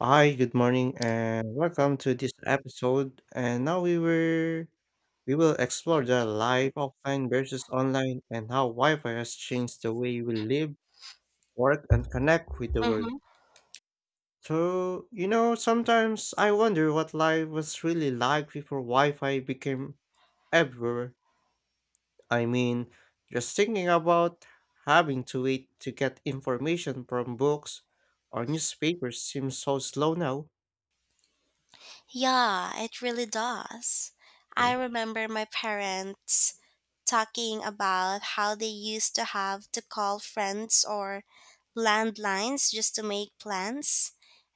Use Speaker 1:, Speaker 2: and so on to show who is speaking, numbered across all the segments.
Speaker 1: Hi, good morning, and welcome to this episode. And now we will explore the life offline versus online and how Wi-Fi has changed the way we live, work, and connect with the world.
Speaker 2: Mm-hmm.
Speaker 1: So, sometimes I wonder what life was really like before Wi-Fi became everywhere. I mean, just thinking about having to wait to get information from books or newspapers seems so slow now.
Speaker 2: Yeah, it really does. I
Speaker 1: Mm.
Speaker 2: remember my parents talking about how they used to have to call friends or landlines just to make plans.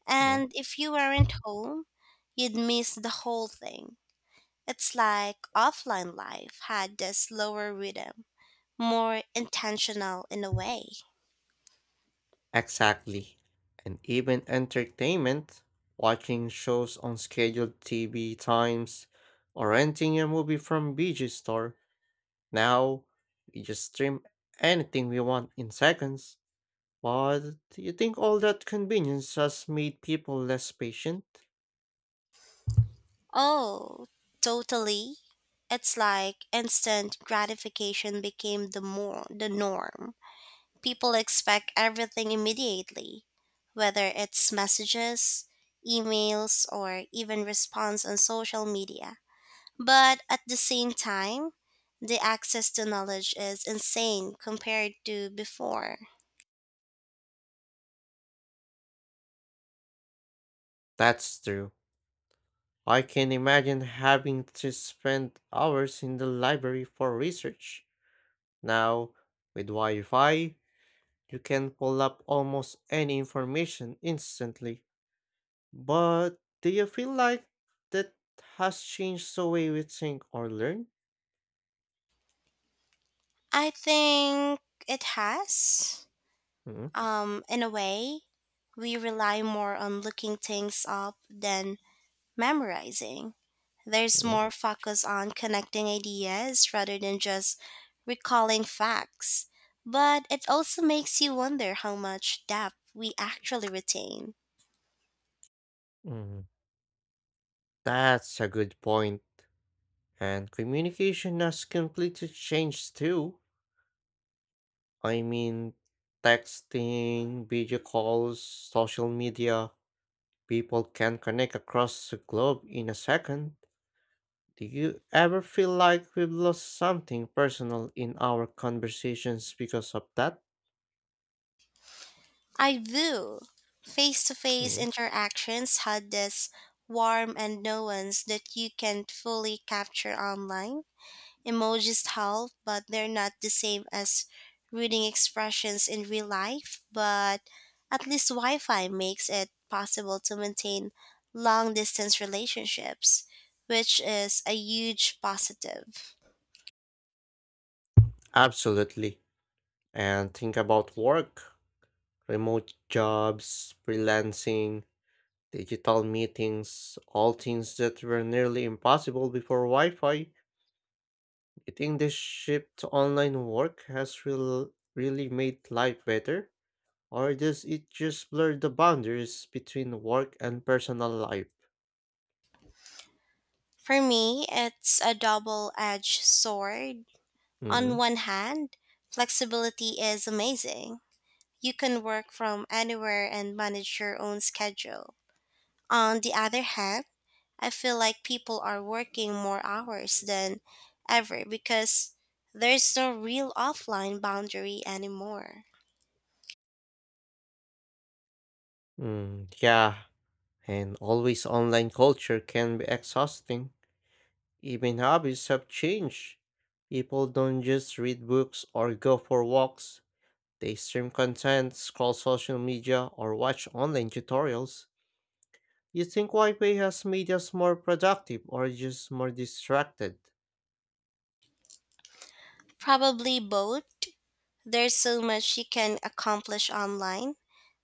Speaker 2: And if you weren't home, you'd miss the whole thing. It's like offline life had this slower rhythm, more intentional in a way.
Speaker 1: Exactly. And even entertainment, watching shows on scheduled TV times or renting a movie from VG Store. Now, we just stream anything we want in seconds. But do you think all that convenience has made people less patient?
Speaker 2: Oh, totally. It's like instant gratification became the more the norm. People expect everything immediately, whether it's messages, emails, or even response on social media. But at the same time, the access to knowledge is insane compared to before.
Speaker 1: That's true. I can imagine having to spend hours in the library for research. Now, with Wi Fi, you can pull up almost any information instantly. But do you feel like that has changed the way we think or learn?
Speaker 2: I think it has.
Speaker 1: Mm,
Speaker 2: In a way, we rely more on looking things up than memorizing. There's
Speaker 1: mm,
Speaker 2: more focus on connecting ideas rather than just recalling facts. But it also makes you wonder how much depth we actually retain.
Speaker 1: mm. That's a good point. And communication has completely changed too. I mean, texting, video calls, social media, people can connect across the globe in a second. Do you ever feel like we've lost something personal in our conversations because of that?
Speaker 2: I do. Face to face
Speaker 1: Mm.
Speaker 2: interactions had this warmth and nuance that you can't fully capture online. Emojis help, but they're not the same as reading expressions in real life. But at least Wi Fi makes it possible to maintain long distance relationships, which is a huge positive.
Speaker 1: Absolutely. And think about work, remote jobs, freelancing, digital meetings, all things that were nearly impossible before Wi Fi. I think this shift to online work has really made life better? Or does it just blur the boundaries between work and personal life?
Speaker 2: For me, it's a double edged sword. On
Speaker 1: Mm-hmm.
Speaker 2: one hand, flexibility is amazing. You can work from anywhere and manage your own schedule. On the other hand, I feel like people are working more hours than ever because there's no real offline boundary anymore.
Speaker 1: Mm, yeah, and always online culture can be exhausting. Even hobbies have changed. People don't just read books or go for walks. They stream content, scroll social media, or watch online tutorials. You think Wi-Fi has made us more productive or just more distracted?
Speaker 2: Probably both. There's so much you can accomplish online,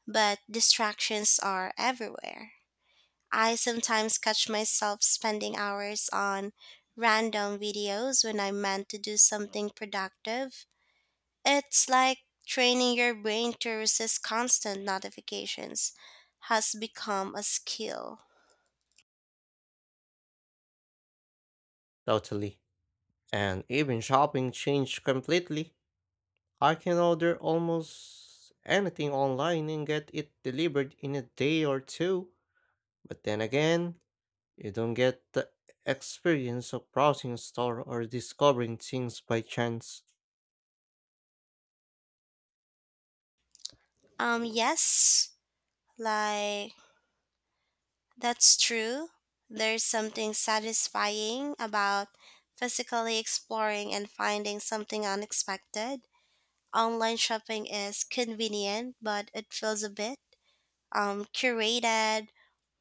Speaker 2: but distractions are everywhere. I sometimes catch myself spending hours on random videos when I meant to do something productive. It's like training your brain to resist constant notifications has become a skill.
Speaker 1: Totally. And even shopping changed completely. I can order almost anything online and get it delivered in a day or two. But then again, you don't get the experience of browsing a store or discovering things by chance.
Speaker 2: Yes, like that's true. There's something satisfying about physically exploring and finding something unexpected. Online shopping is convenient, but it feels a bit curated,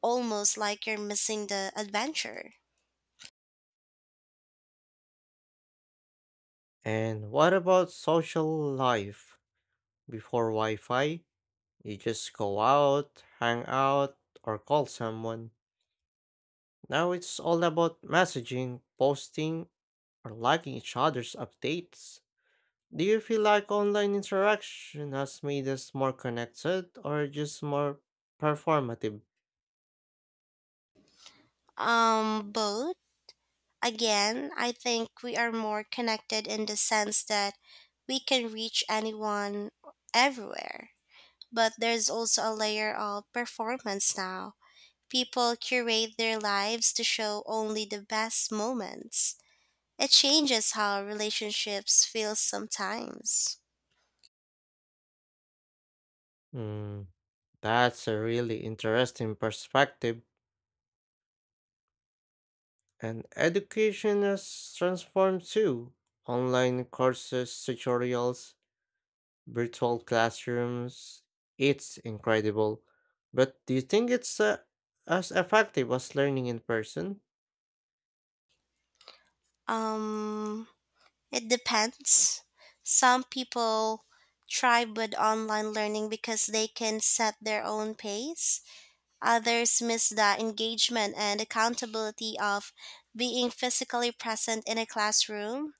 Speaker 2: almost like you're missing the adventure.
Speaker 1: And what about social life? Before Wi Fi, you just go out, hang out, or call someone. Now it's all about messaging, posting, or liking each other's updates. Do you feel like online interaction has made us more connected or just more performative?
Speaker 2: Both. Again, I think we are more connected in the sense that we can reach anyone everywhere. But there's also a layer of performance now. People curate their lives to show only the best moments. It changes how relationships feel sometimes.
Speaker 1: Hmm, that's a really interesting perspective. And education has transformed too. Online courses, tutorials, virtual classrooms. It's incredible. But do you think it's as effective as learning in person?
Speaker 2: Um, it depends. Some people thrive with online learning because they can set their own pace. Others miss the engagement and accountability of being physically present in a classroom.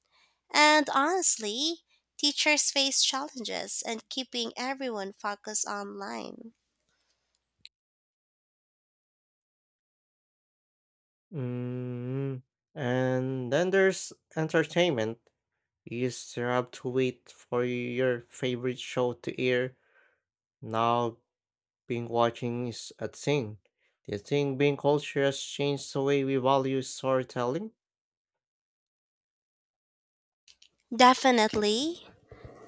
Speaker 2: And honestly, teachers face challenges in keeping everyone focused online.
Speaker 1: Mm. And then there's entertainment. You used to have to wait for your favorite show to air. Now being watching is a thing. Do you think being culture has changed the way we value storytelling?
Speaker 2: Definitely.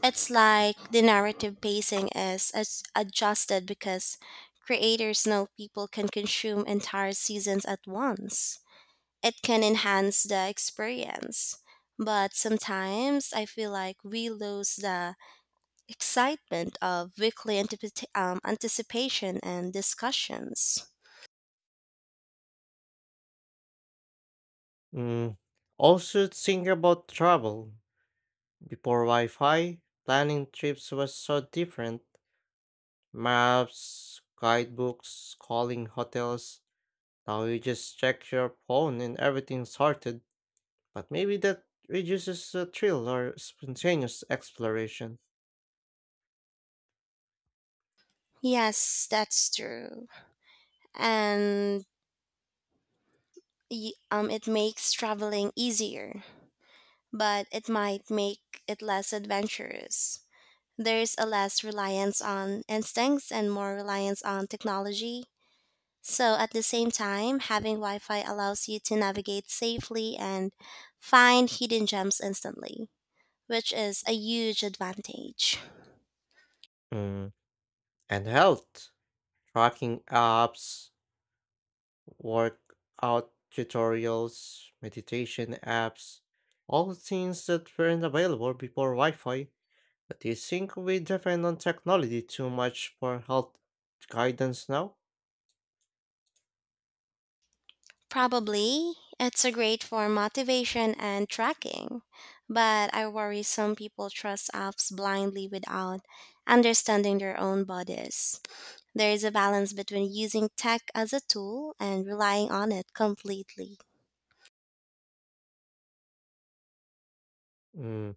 Speaker 2: It's like the narrative pacing is adjusted because creators know people can consume entire seasons at once. It can enhance the experience. But sometimes I feel like we lose the excitement of weekly anticipation and discussions.
Speaker 1: Mm. Also, think about travel. Before Wi Fi, planning trips was so different. Maps, guidebooks, calling hotels. Now you just check your phone and everything's sorted. But maybe that reduces the thrill or spontaneous exploration.
Speaker 2: Yes, that's true. And it makes traveling easier, but it might make it less adventurous. There's a less reliance on instincts and more reliance on technology. So, at the same time, having Wi Fi allows you to navigate safely and find hidden gems instantly, which is a huge advantage.
Speaker 1: Mm. And health, tracking apps, workout tutorials, meditation apps, all things that weren't available before Wi Fi. But do you think we depend on technology too much for health guidance now?
Speaker 2: Probably. It's a great for motivation and tracking. But I worry some people trust apps blindly without understanding their own bodies. There is a balance between using tech as a tool and relying on it completely.
Speaker 1: Mm.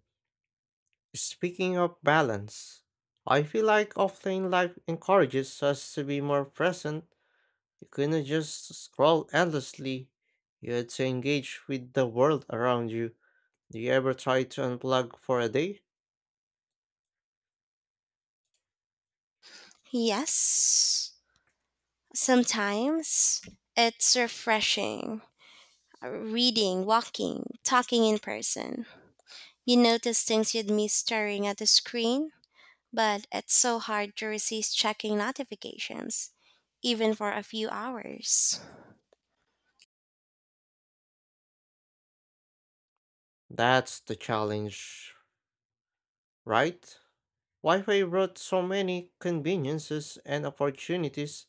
Speaker 1: Speaking of balance, I feel like offline life encourages us to be more present. You couldn't just scroll endlessly. You had to engage with the world around you. Do you ever try to unplug for a day?
Speaker 2: Yes, sometimes it's refreshing. Reading, walking, talking in person. You notice things you'd miss staring at the screen. But it's so hard to resist checking notifications, even for a few hours.
Speaker 1: That's the challenge, right? Wi Fi brought so many conveniences and opportunities,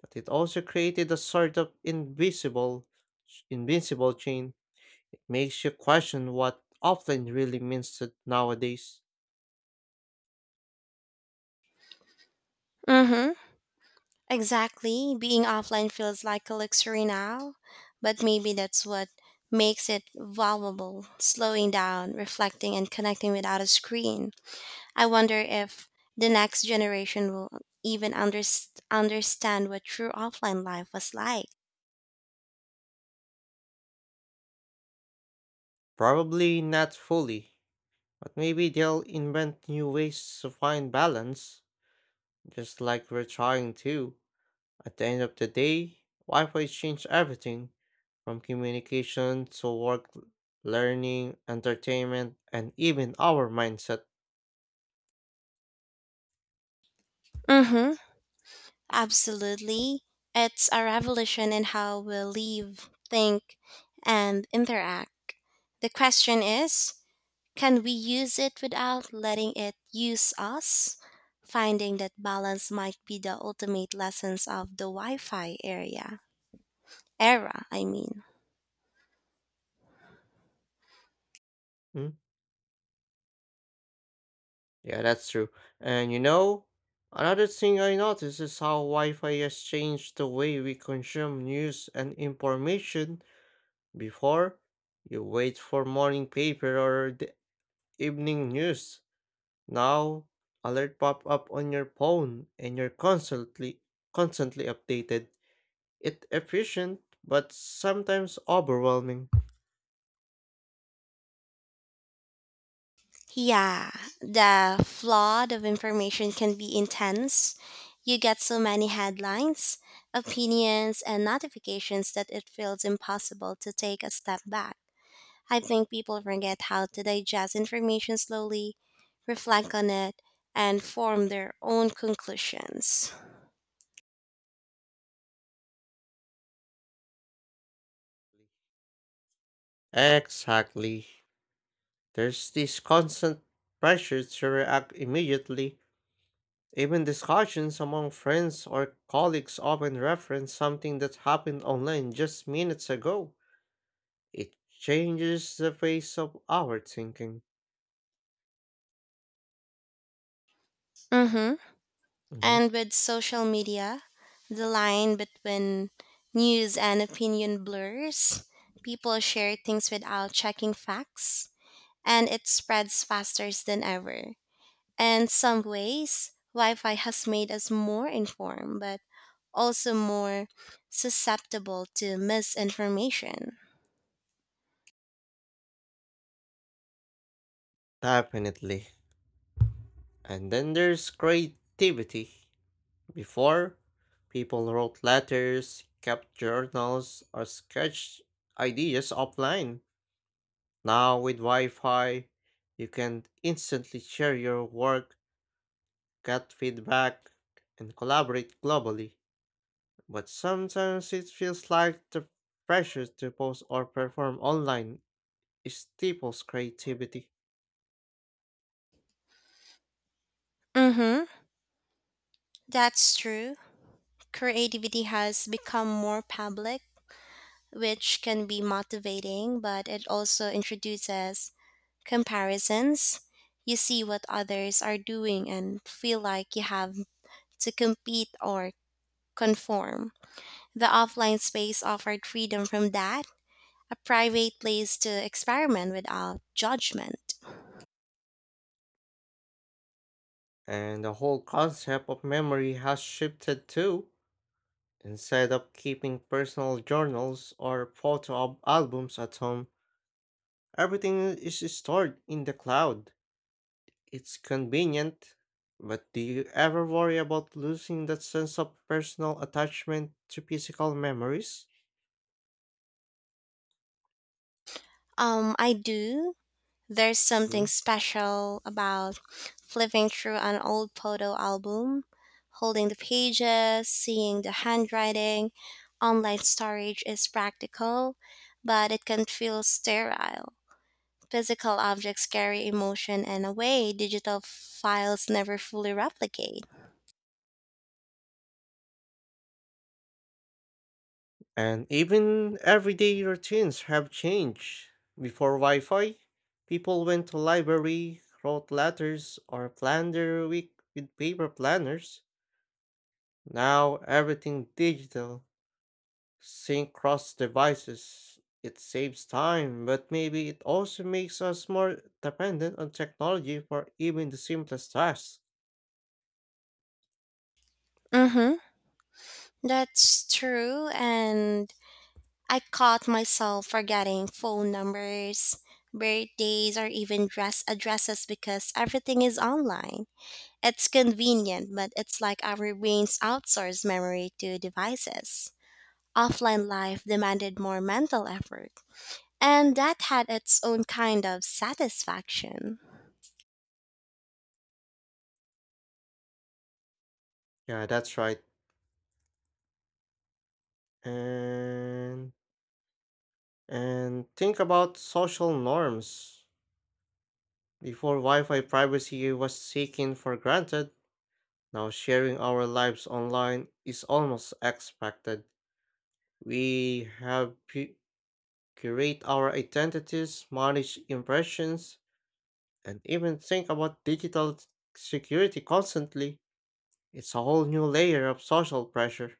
Speaker 1: but it also created a sort of invisible, invincible chain. It makes you question what offline really means to nowadays.
Speaker 2: Mm-hmm. Exactly. Being offline feels like a luxury now, but maybe that's what makes it valuable, slowing down, reflecting, and connecting without a screen. I wonder if the next generation will even understand what true offline life was like.
Speaker 1: Probably not fully, but maybe they'll invent new ways to find balance. Just like we're trying to. At the end of the day, Wi Fi changed everything from communication to work, learning, entertainment, and even our mindset.
Speaker 2: Mm-hmm. Absolutely. It's a revolution in how we live, think, and interact. The question is, can we use it without letting it use us? Finding that balance might be the ultimate lessons of the Wi Fi area. Era, I mean.
Speaker 1: Mm, yeah, that's true. And another thing I noticed is how Wi Fi has changed the way we consume news and information. Before, you wait for morning paper or the evening news. Now, alert pop up on your phone and you're constantly updated. It's efficient but sometimes overwhelming.
Speaker 2: Yeah, the flood of information can be intense. You get so many headlines, opinions, and notifications that it feels impossible to take a step back. I think people forget how to digest information slowly, reflect on it, and form their own conclusions.
Speaker 1: Exactly. There's this constant pressure to react immediately. Even discussions among friends or colleagues often reference something that happened online just minutes ago. It changes the face of our thinking.
Speaker 2: Mm-hmm.
Speaker 1: Mhm.
Speaker 2: And with social media, the line between news and opinion blurs. People share things without checking facts and it spreads faster than ever. And some ways, Wi Fi has made us more informed, but also more susceptible to misinformation.
Speaker 1: Definitely. And then there's creativity. Before, people wrote letters, kept journals, or sketched ideas offline. Now, with Wi Fi, you can instantly share your work, get feedback, and collaborate globally. But sometimes it feels like the pressure to post or perform online stifles creativity.
Speaker 2: Mm-hmm. That's true. Creativity has become more public, which can be motivating, but it also introduces comparisons. You see what others are doing and feel like you have to compete or conform. The offline space offered freedom from that, a private place to experiment without judgment.
Speaker 1: And the whole concept of memory has shifted too. Instead of keeping personal journals or photo albums at home, everything is stored in the cloud. It's convenient, but do you ever worry about losing that sense of personal attachment to physical memories?
Speaker 2: I do. There's something
Speaker 1: Mm.
Speaker 2: special about flipping through an old photo album, holding the pages, seeing the handwriting. Online storage is practical, but it can feel sterile. Physical objects carry emotion in a way digital files never fully replicate.
Speaker 1: And even everyday routines have changed. Before Wi Fi, people went to library, wrote letters, or planned their week with paper planners. Now everything digital sync cross devices, it saves time, but maybe it also makes us more dependent on technology for even the simplest tasks.
Speaker 2: Mm-hmm. That's true. And I caught myself forgetting phone numbers, birthdays, or even dress addresses because everything is online. It's convenient, but it's like our brains outsource memory to devices. Offline life demanded more mental effort, and that had its own kind of satisfaction.
Speaker 1: Yeah, that's right. And think about social norms. Before Wi-Fi privacy was taken for granted, now sharing our lives online is almost expected. We have curate our identities, manage impressions, and even think about digital security constantly. It's a whole new layer of social pressure.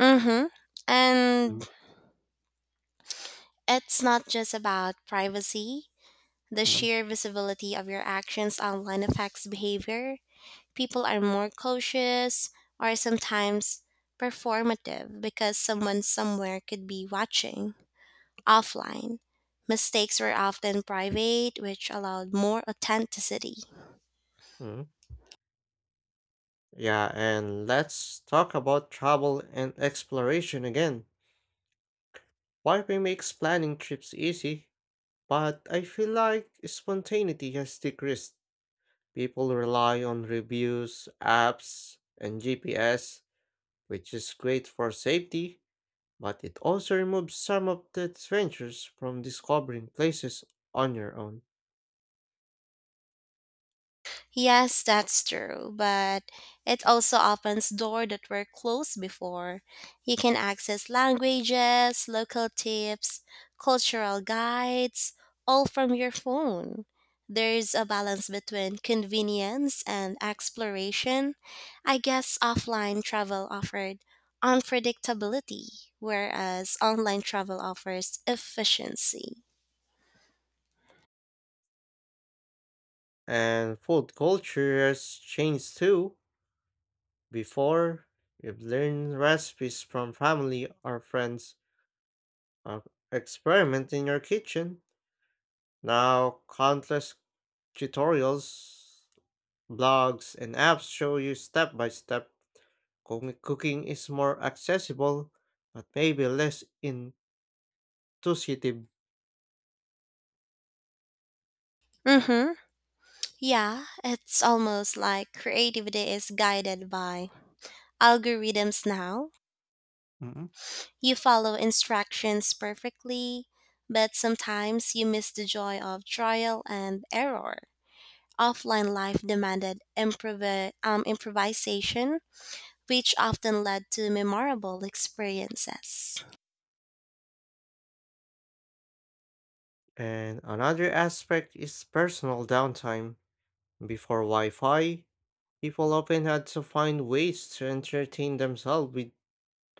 Speaker 2: Mm-hmm.
Speaker 1: Mm,
Speaker 2: And it's not just about privacy. The
Speaker 1: mm.
Speaker 2: sheer visibility of your actions online affects behavior. People are more cautious or sometimes performative because someone somewhere could be watching. Offline, mistakes were often private, which allowed more authenticity.
Speaker 1: Mhm. Yeah, and let's talk about travel and exploration again. Warping makes planning trips easy, but I feel like spontaneity has decreased. People rely on reviews, apps, and GPS, which is great for safety, but it also removes some of the adventures from discovering places on your own.
Speaker 2: Yes, that's true, but it also opens doors that were closed before. You can access languages, local tips, cultural guides, all from your phone. There's a balance between convenience and exploration. I guess offline travel offered unpredictability, whereas online travel offers efficiency.
Speaker 1: And food cultures change too. Before, you'd learn recipes from family or friends or experiment in your kitchen. Now, countless tutorials, blogs, and apps show you step by step. Cooking is more accessible, but maybe less intuitive.
Speaker 2: Mm-hmm. Yeah, it's almost like creativity is guided by algorithms now.
Speaker 1: Mhm.
Speaker 2: You follow instructions perfectly, but sometimes you miss the joy of trial and error. Offline life demanded improvisation, which often led to memorable experiences.
Speaker 1: And another aspect is personal downtime. Before Wi Fi, people often had to find ways to entertain themselves with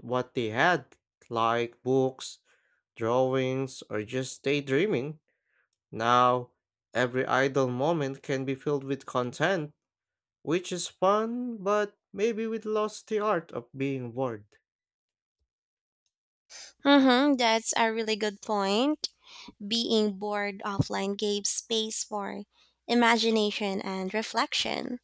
Speaker 1: what they had, like books, drawings, or just daydreaming. Now, every idle moment can be filled with content, which is fun, but maybe we lost the art of being bored.
Speaker 2: Mm-hmm, that's a really good point. Being bored offline gave space for imagination and reflection.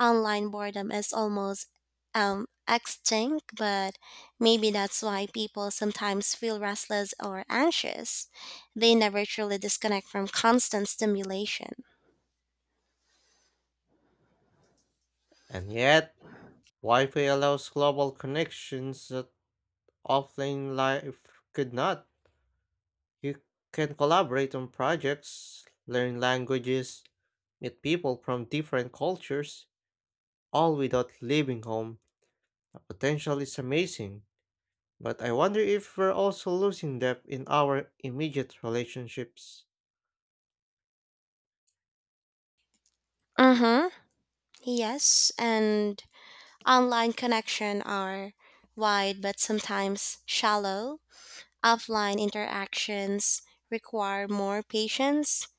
Speaker 2: Online boredom is almost extinct, but maybe that's why people sometimes feel restless or anxious. They never truly disconnect from constant stimulation.
Speaker 1: And yet, Wi Fi allows global connections that offline life could not. You can collaborate on projects, learn languages, meet people from different cultures, all without leaving home. The potential is amazing, but I wonder if we're also losing depth in our immediate relationships.
Speaker 2: Mm-hmm. Yes, and online connection are wide but sometimes shallow. Offline interactions require more patience,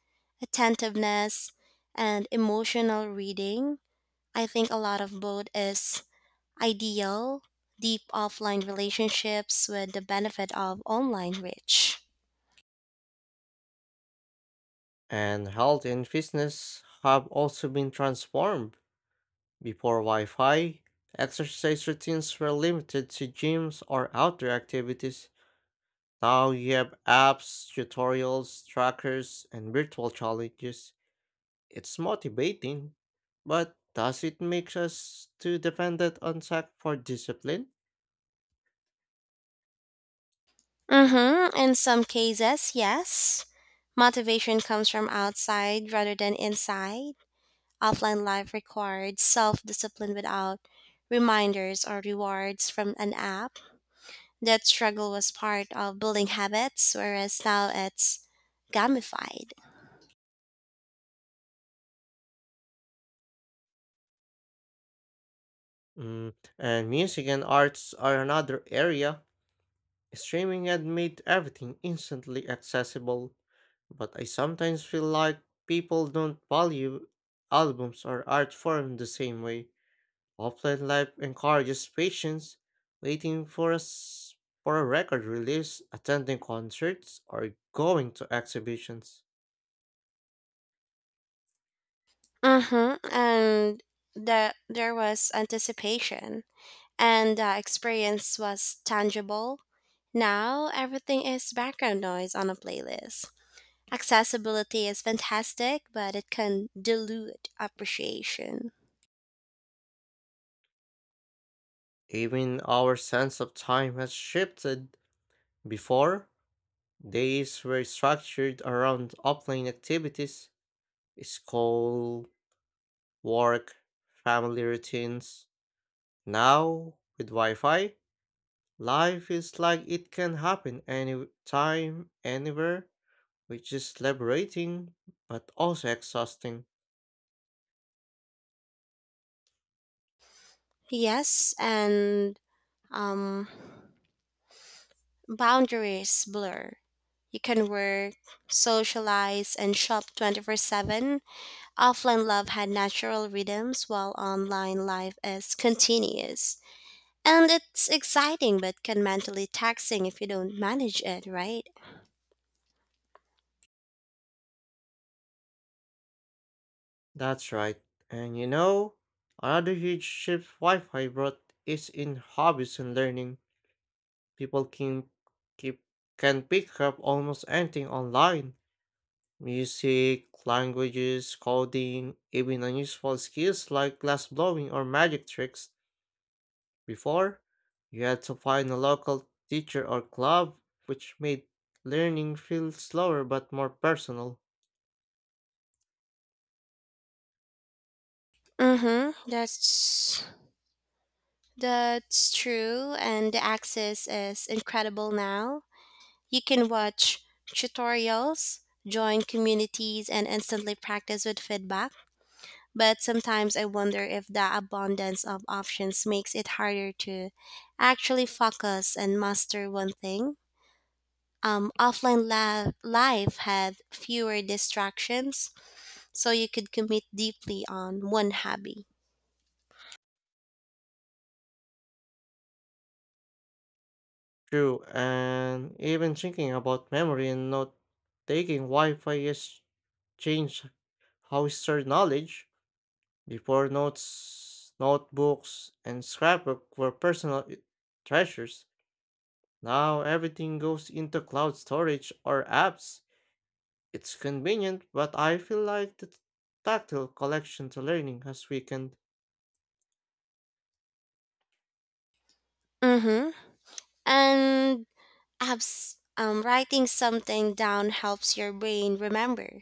Speaker 2: attentiveness, and emotional reading. I think a lot of both is ideal, deep offline relationships with the benefit of online reach.
Speaker 1: And health and fitness have also been transformed. Before Wi Fi, exercise routines were limited to gyms or outdoor activities. Now you have apps, tutorials, trackers, and virtual challenges. It's motivating, but does it make us too dependent on tech for discipline?
Speaker 2: Mm-hmm. In some cases, yes. Motivation comes from outside rather than inside. Offline life required self discipline without reminders or rewards from an app. That struggle was part of building habits, whereas now it's gamified.
Speaker 1: Mm, and music and arts are another area. Streaming had made everything instantly accessible, but I sometimes feel like people don't value albums or art form the same way. Offline life encourages patience, waiting for us for a record release, attending concerts, or going to exhibitions.
Speaker 2: Mm-hmm. And there was anticipation and the experience was tangible. Now everything is background noise on a playlist. Accessibility is fantastic, but it can dilute appreciation.
Speaker 1: Even our sense of time has shifted. Before, days were structured around offline activities, school, work, family routines. Now, with Wi Fi, life is like it can happen any time, anywhere, which is liberating but also exhausting.
Speaker 2: Yes, and um, boundaries blur. You can work, socialize, and shop 24/7. Offline love had natural rhythms, while online life is continuous. And it's exciting but can mentally taxing if you don't manage it, right?
Speaker 1: That's right. And another huge shift Wi Fi brought is in hobbies and learning. People can keep can pick up almost anything online. Music, languages, coding, even unusual skills like glass blowing or magic tricks. Before, you had to find a local teacher or club, which made learning feel slower but more personal.
Speaker 2: Mm-hmm. That's true and the access is incredible now. You can watch tutorials, join communities and instantly practice with feedback. But sometimes I wonder if the abundance of options makes it harder to actually focus and master one thing. Offline life had fewer distractions so you could commit deeply on one hobby.
Speaker 1: True, and even thinking about memory and note taking Wi Fi has changed how we store knowledge. Before notes, notebooks, and scrapbook were personal treasures, now everything goes into cloud storage or apps. It's convenient, but I feel like the tactile collection to learning has weakened.
Speaker 2: Mm-hmm. And writing something down helps your brain remember.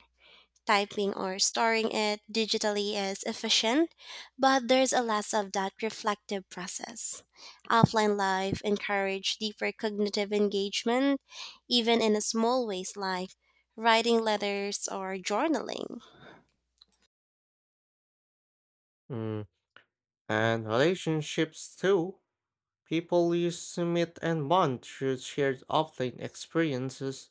Speaker 2: Typing or storing it digitally is efficient, but there's a less of that reflective process. Offline life encourage deeper cognitive engagement, even in a small ways like writing letters or journaling.
Speaker 1: Mm, and relationships too. People used to meet and bond through shared offline experiences,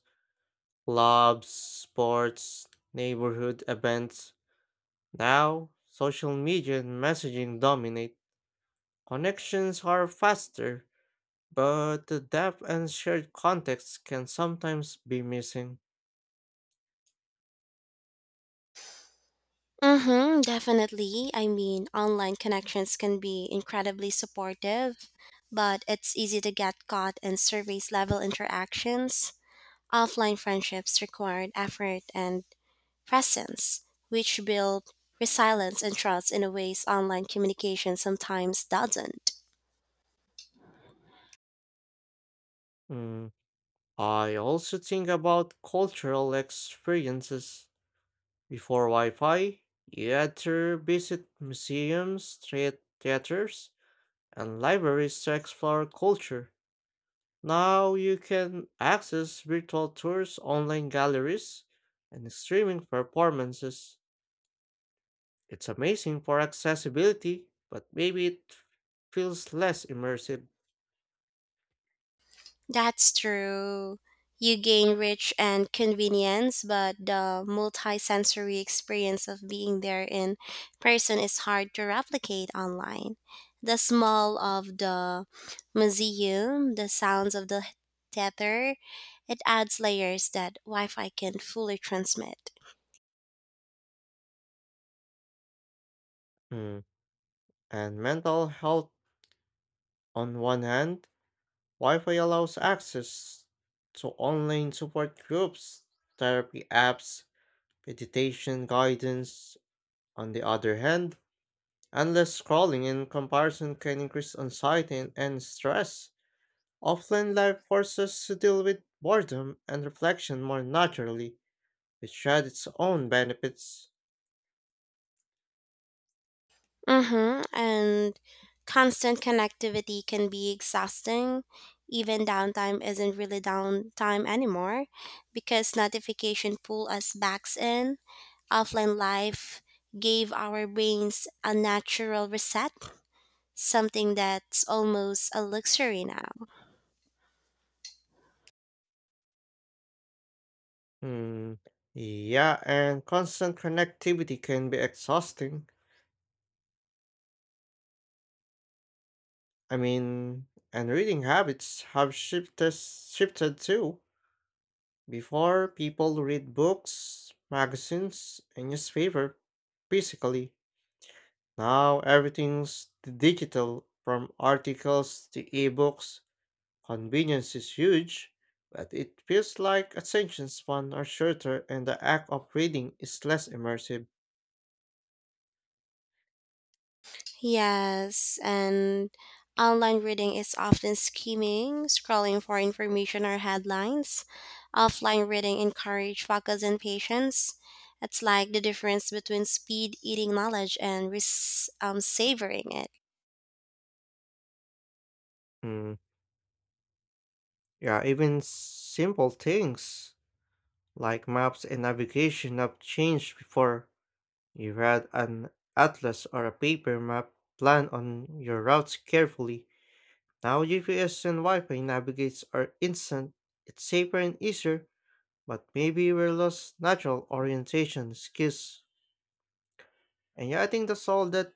Speaker 1: clubs, sports, neighborhood events. Now, social media and messaging dominate. Connections are faster, but the depth and shared context can sometimes be missing.
Speaker 2: Mm-hmm, definitely. I mean, online connections can be incredibly supportive, but it's easy to get caught in service level interactions. Offline friendships required effort and presence, which build resilience and trust in a ways online communication sometimes doesn't.
Speaker 1: Mm, I also think about cultural experiences. Before Wi Fi, you had to visit museums, theaters, and libraries to explore culture. Now you can access virtual tours, online galleries, and streaming performances. It's amazing for accessibility, but maybe it feels less immersive.
Speaker 2: That's true. You gain rich and convenience, but the multi-sensory experience of being there in person is hard to replicate online. The smell of the museum, the sounds of the theater, it adds layers that Wi-Fi can fully transmit.
Speaker 1: Hmm. And mental health on one hand, Wi-Fi allows access to online support groups, therapy apps, meditation guidance. On the other hand, endless scrolling and comparison can increase anxiety and stress. Offline life forces us to deal with boredom and reflection more naturally, which had its own benefits.
Speaker 2: Mm-hmm. And constant connectivity can be exhausting. Even downtime isn't really downtime anymore because notification pull us backs in. Offline life gave our brains a natural reset, something that's almost a luxury now.
Speaker 1: Hmm. Yeah, and constant connectivity can be exhausting. I mean, and reading habits have shifted too. Before, people read books, magazines, and newspaper physically. Now everything's digital, from articles to ebooks. Convenience is huge, but it feels like attention span are shorter and the act of reading is less immersive.
Speaker 2: Yes, and online reading is often skimming, scrolling for information or headlines. Offline reading encourages focus and patience. It's like the difference between speed eating knowledge and savoring it.
Speaker 1: Mm, yeah, even simple things like maps and navigation have changed before. You had an atlas or a paper map, plan on your routes carefully. Now GPS and Wi-Fi navigates are instant, it's safer and easier, but maybe we lost natural orientation skills. And yeah, I think that's all that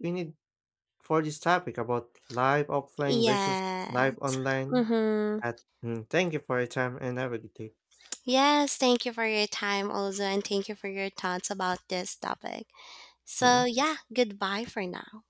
Speaker 1: we need for this topic about live offline versus
Speaker 2: Yeah.
Speaker 1: live online.
Speaker 2: Mm-hmm.
Speaker 1: At, mm, thank you for your time and have a good day.
Speaker 2: Yes, thank you for your time also, and thank you for your thoughts about this topic. So,
Speaker 1: Mm.
Speaker 2: yeah, goodbye for now.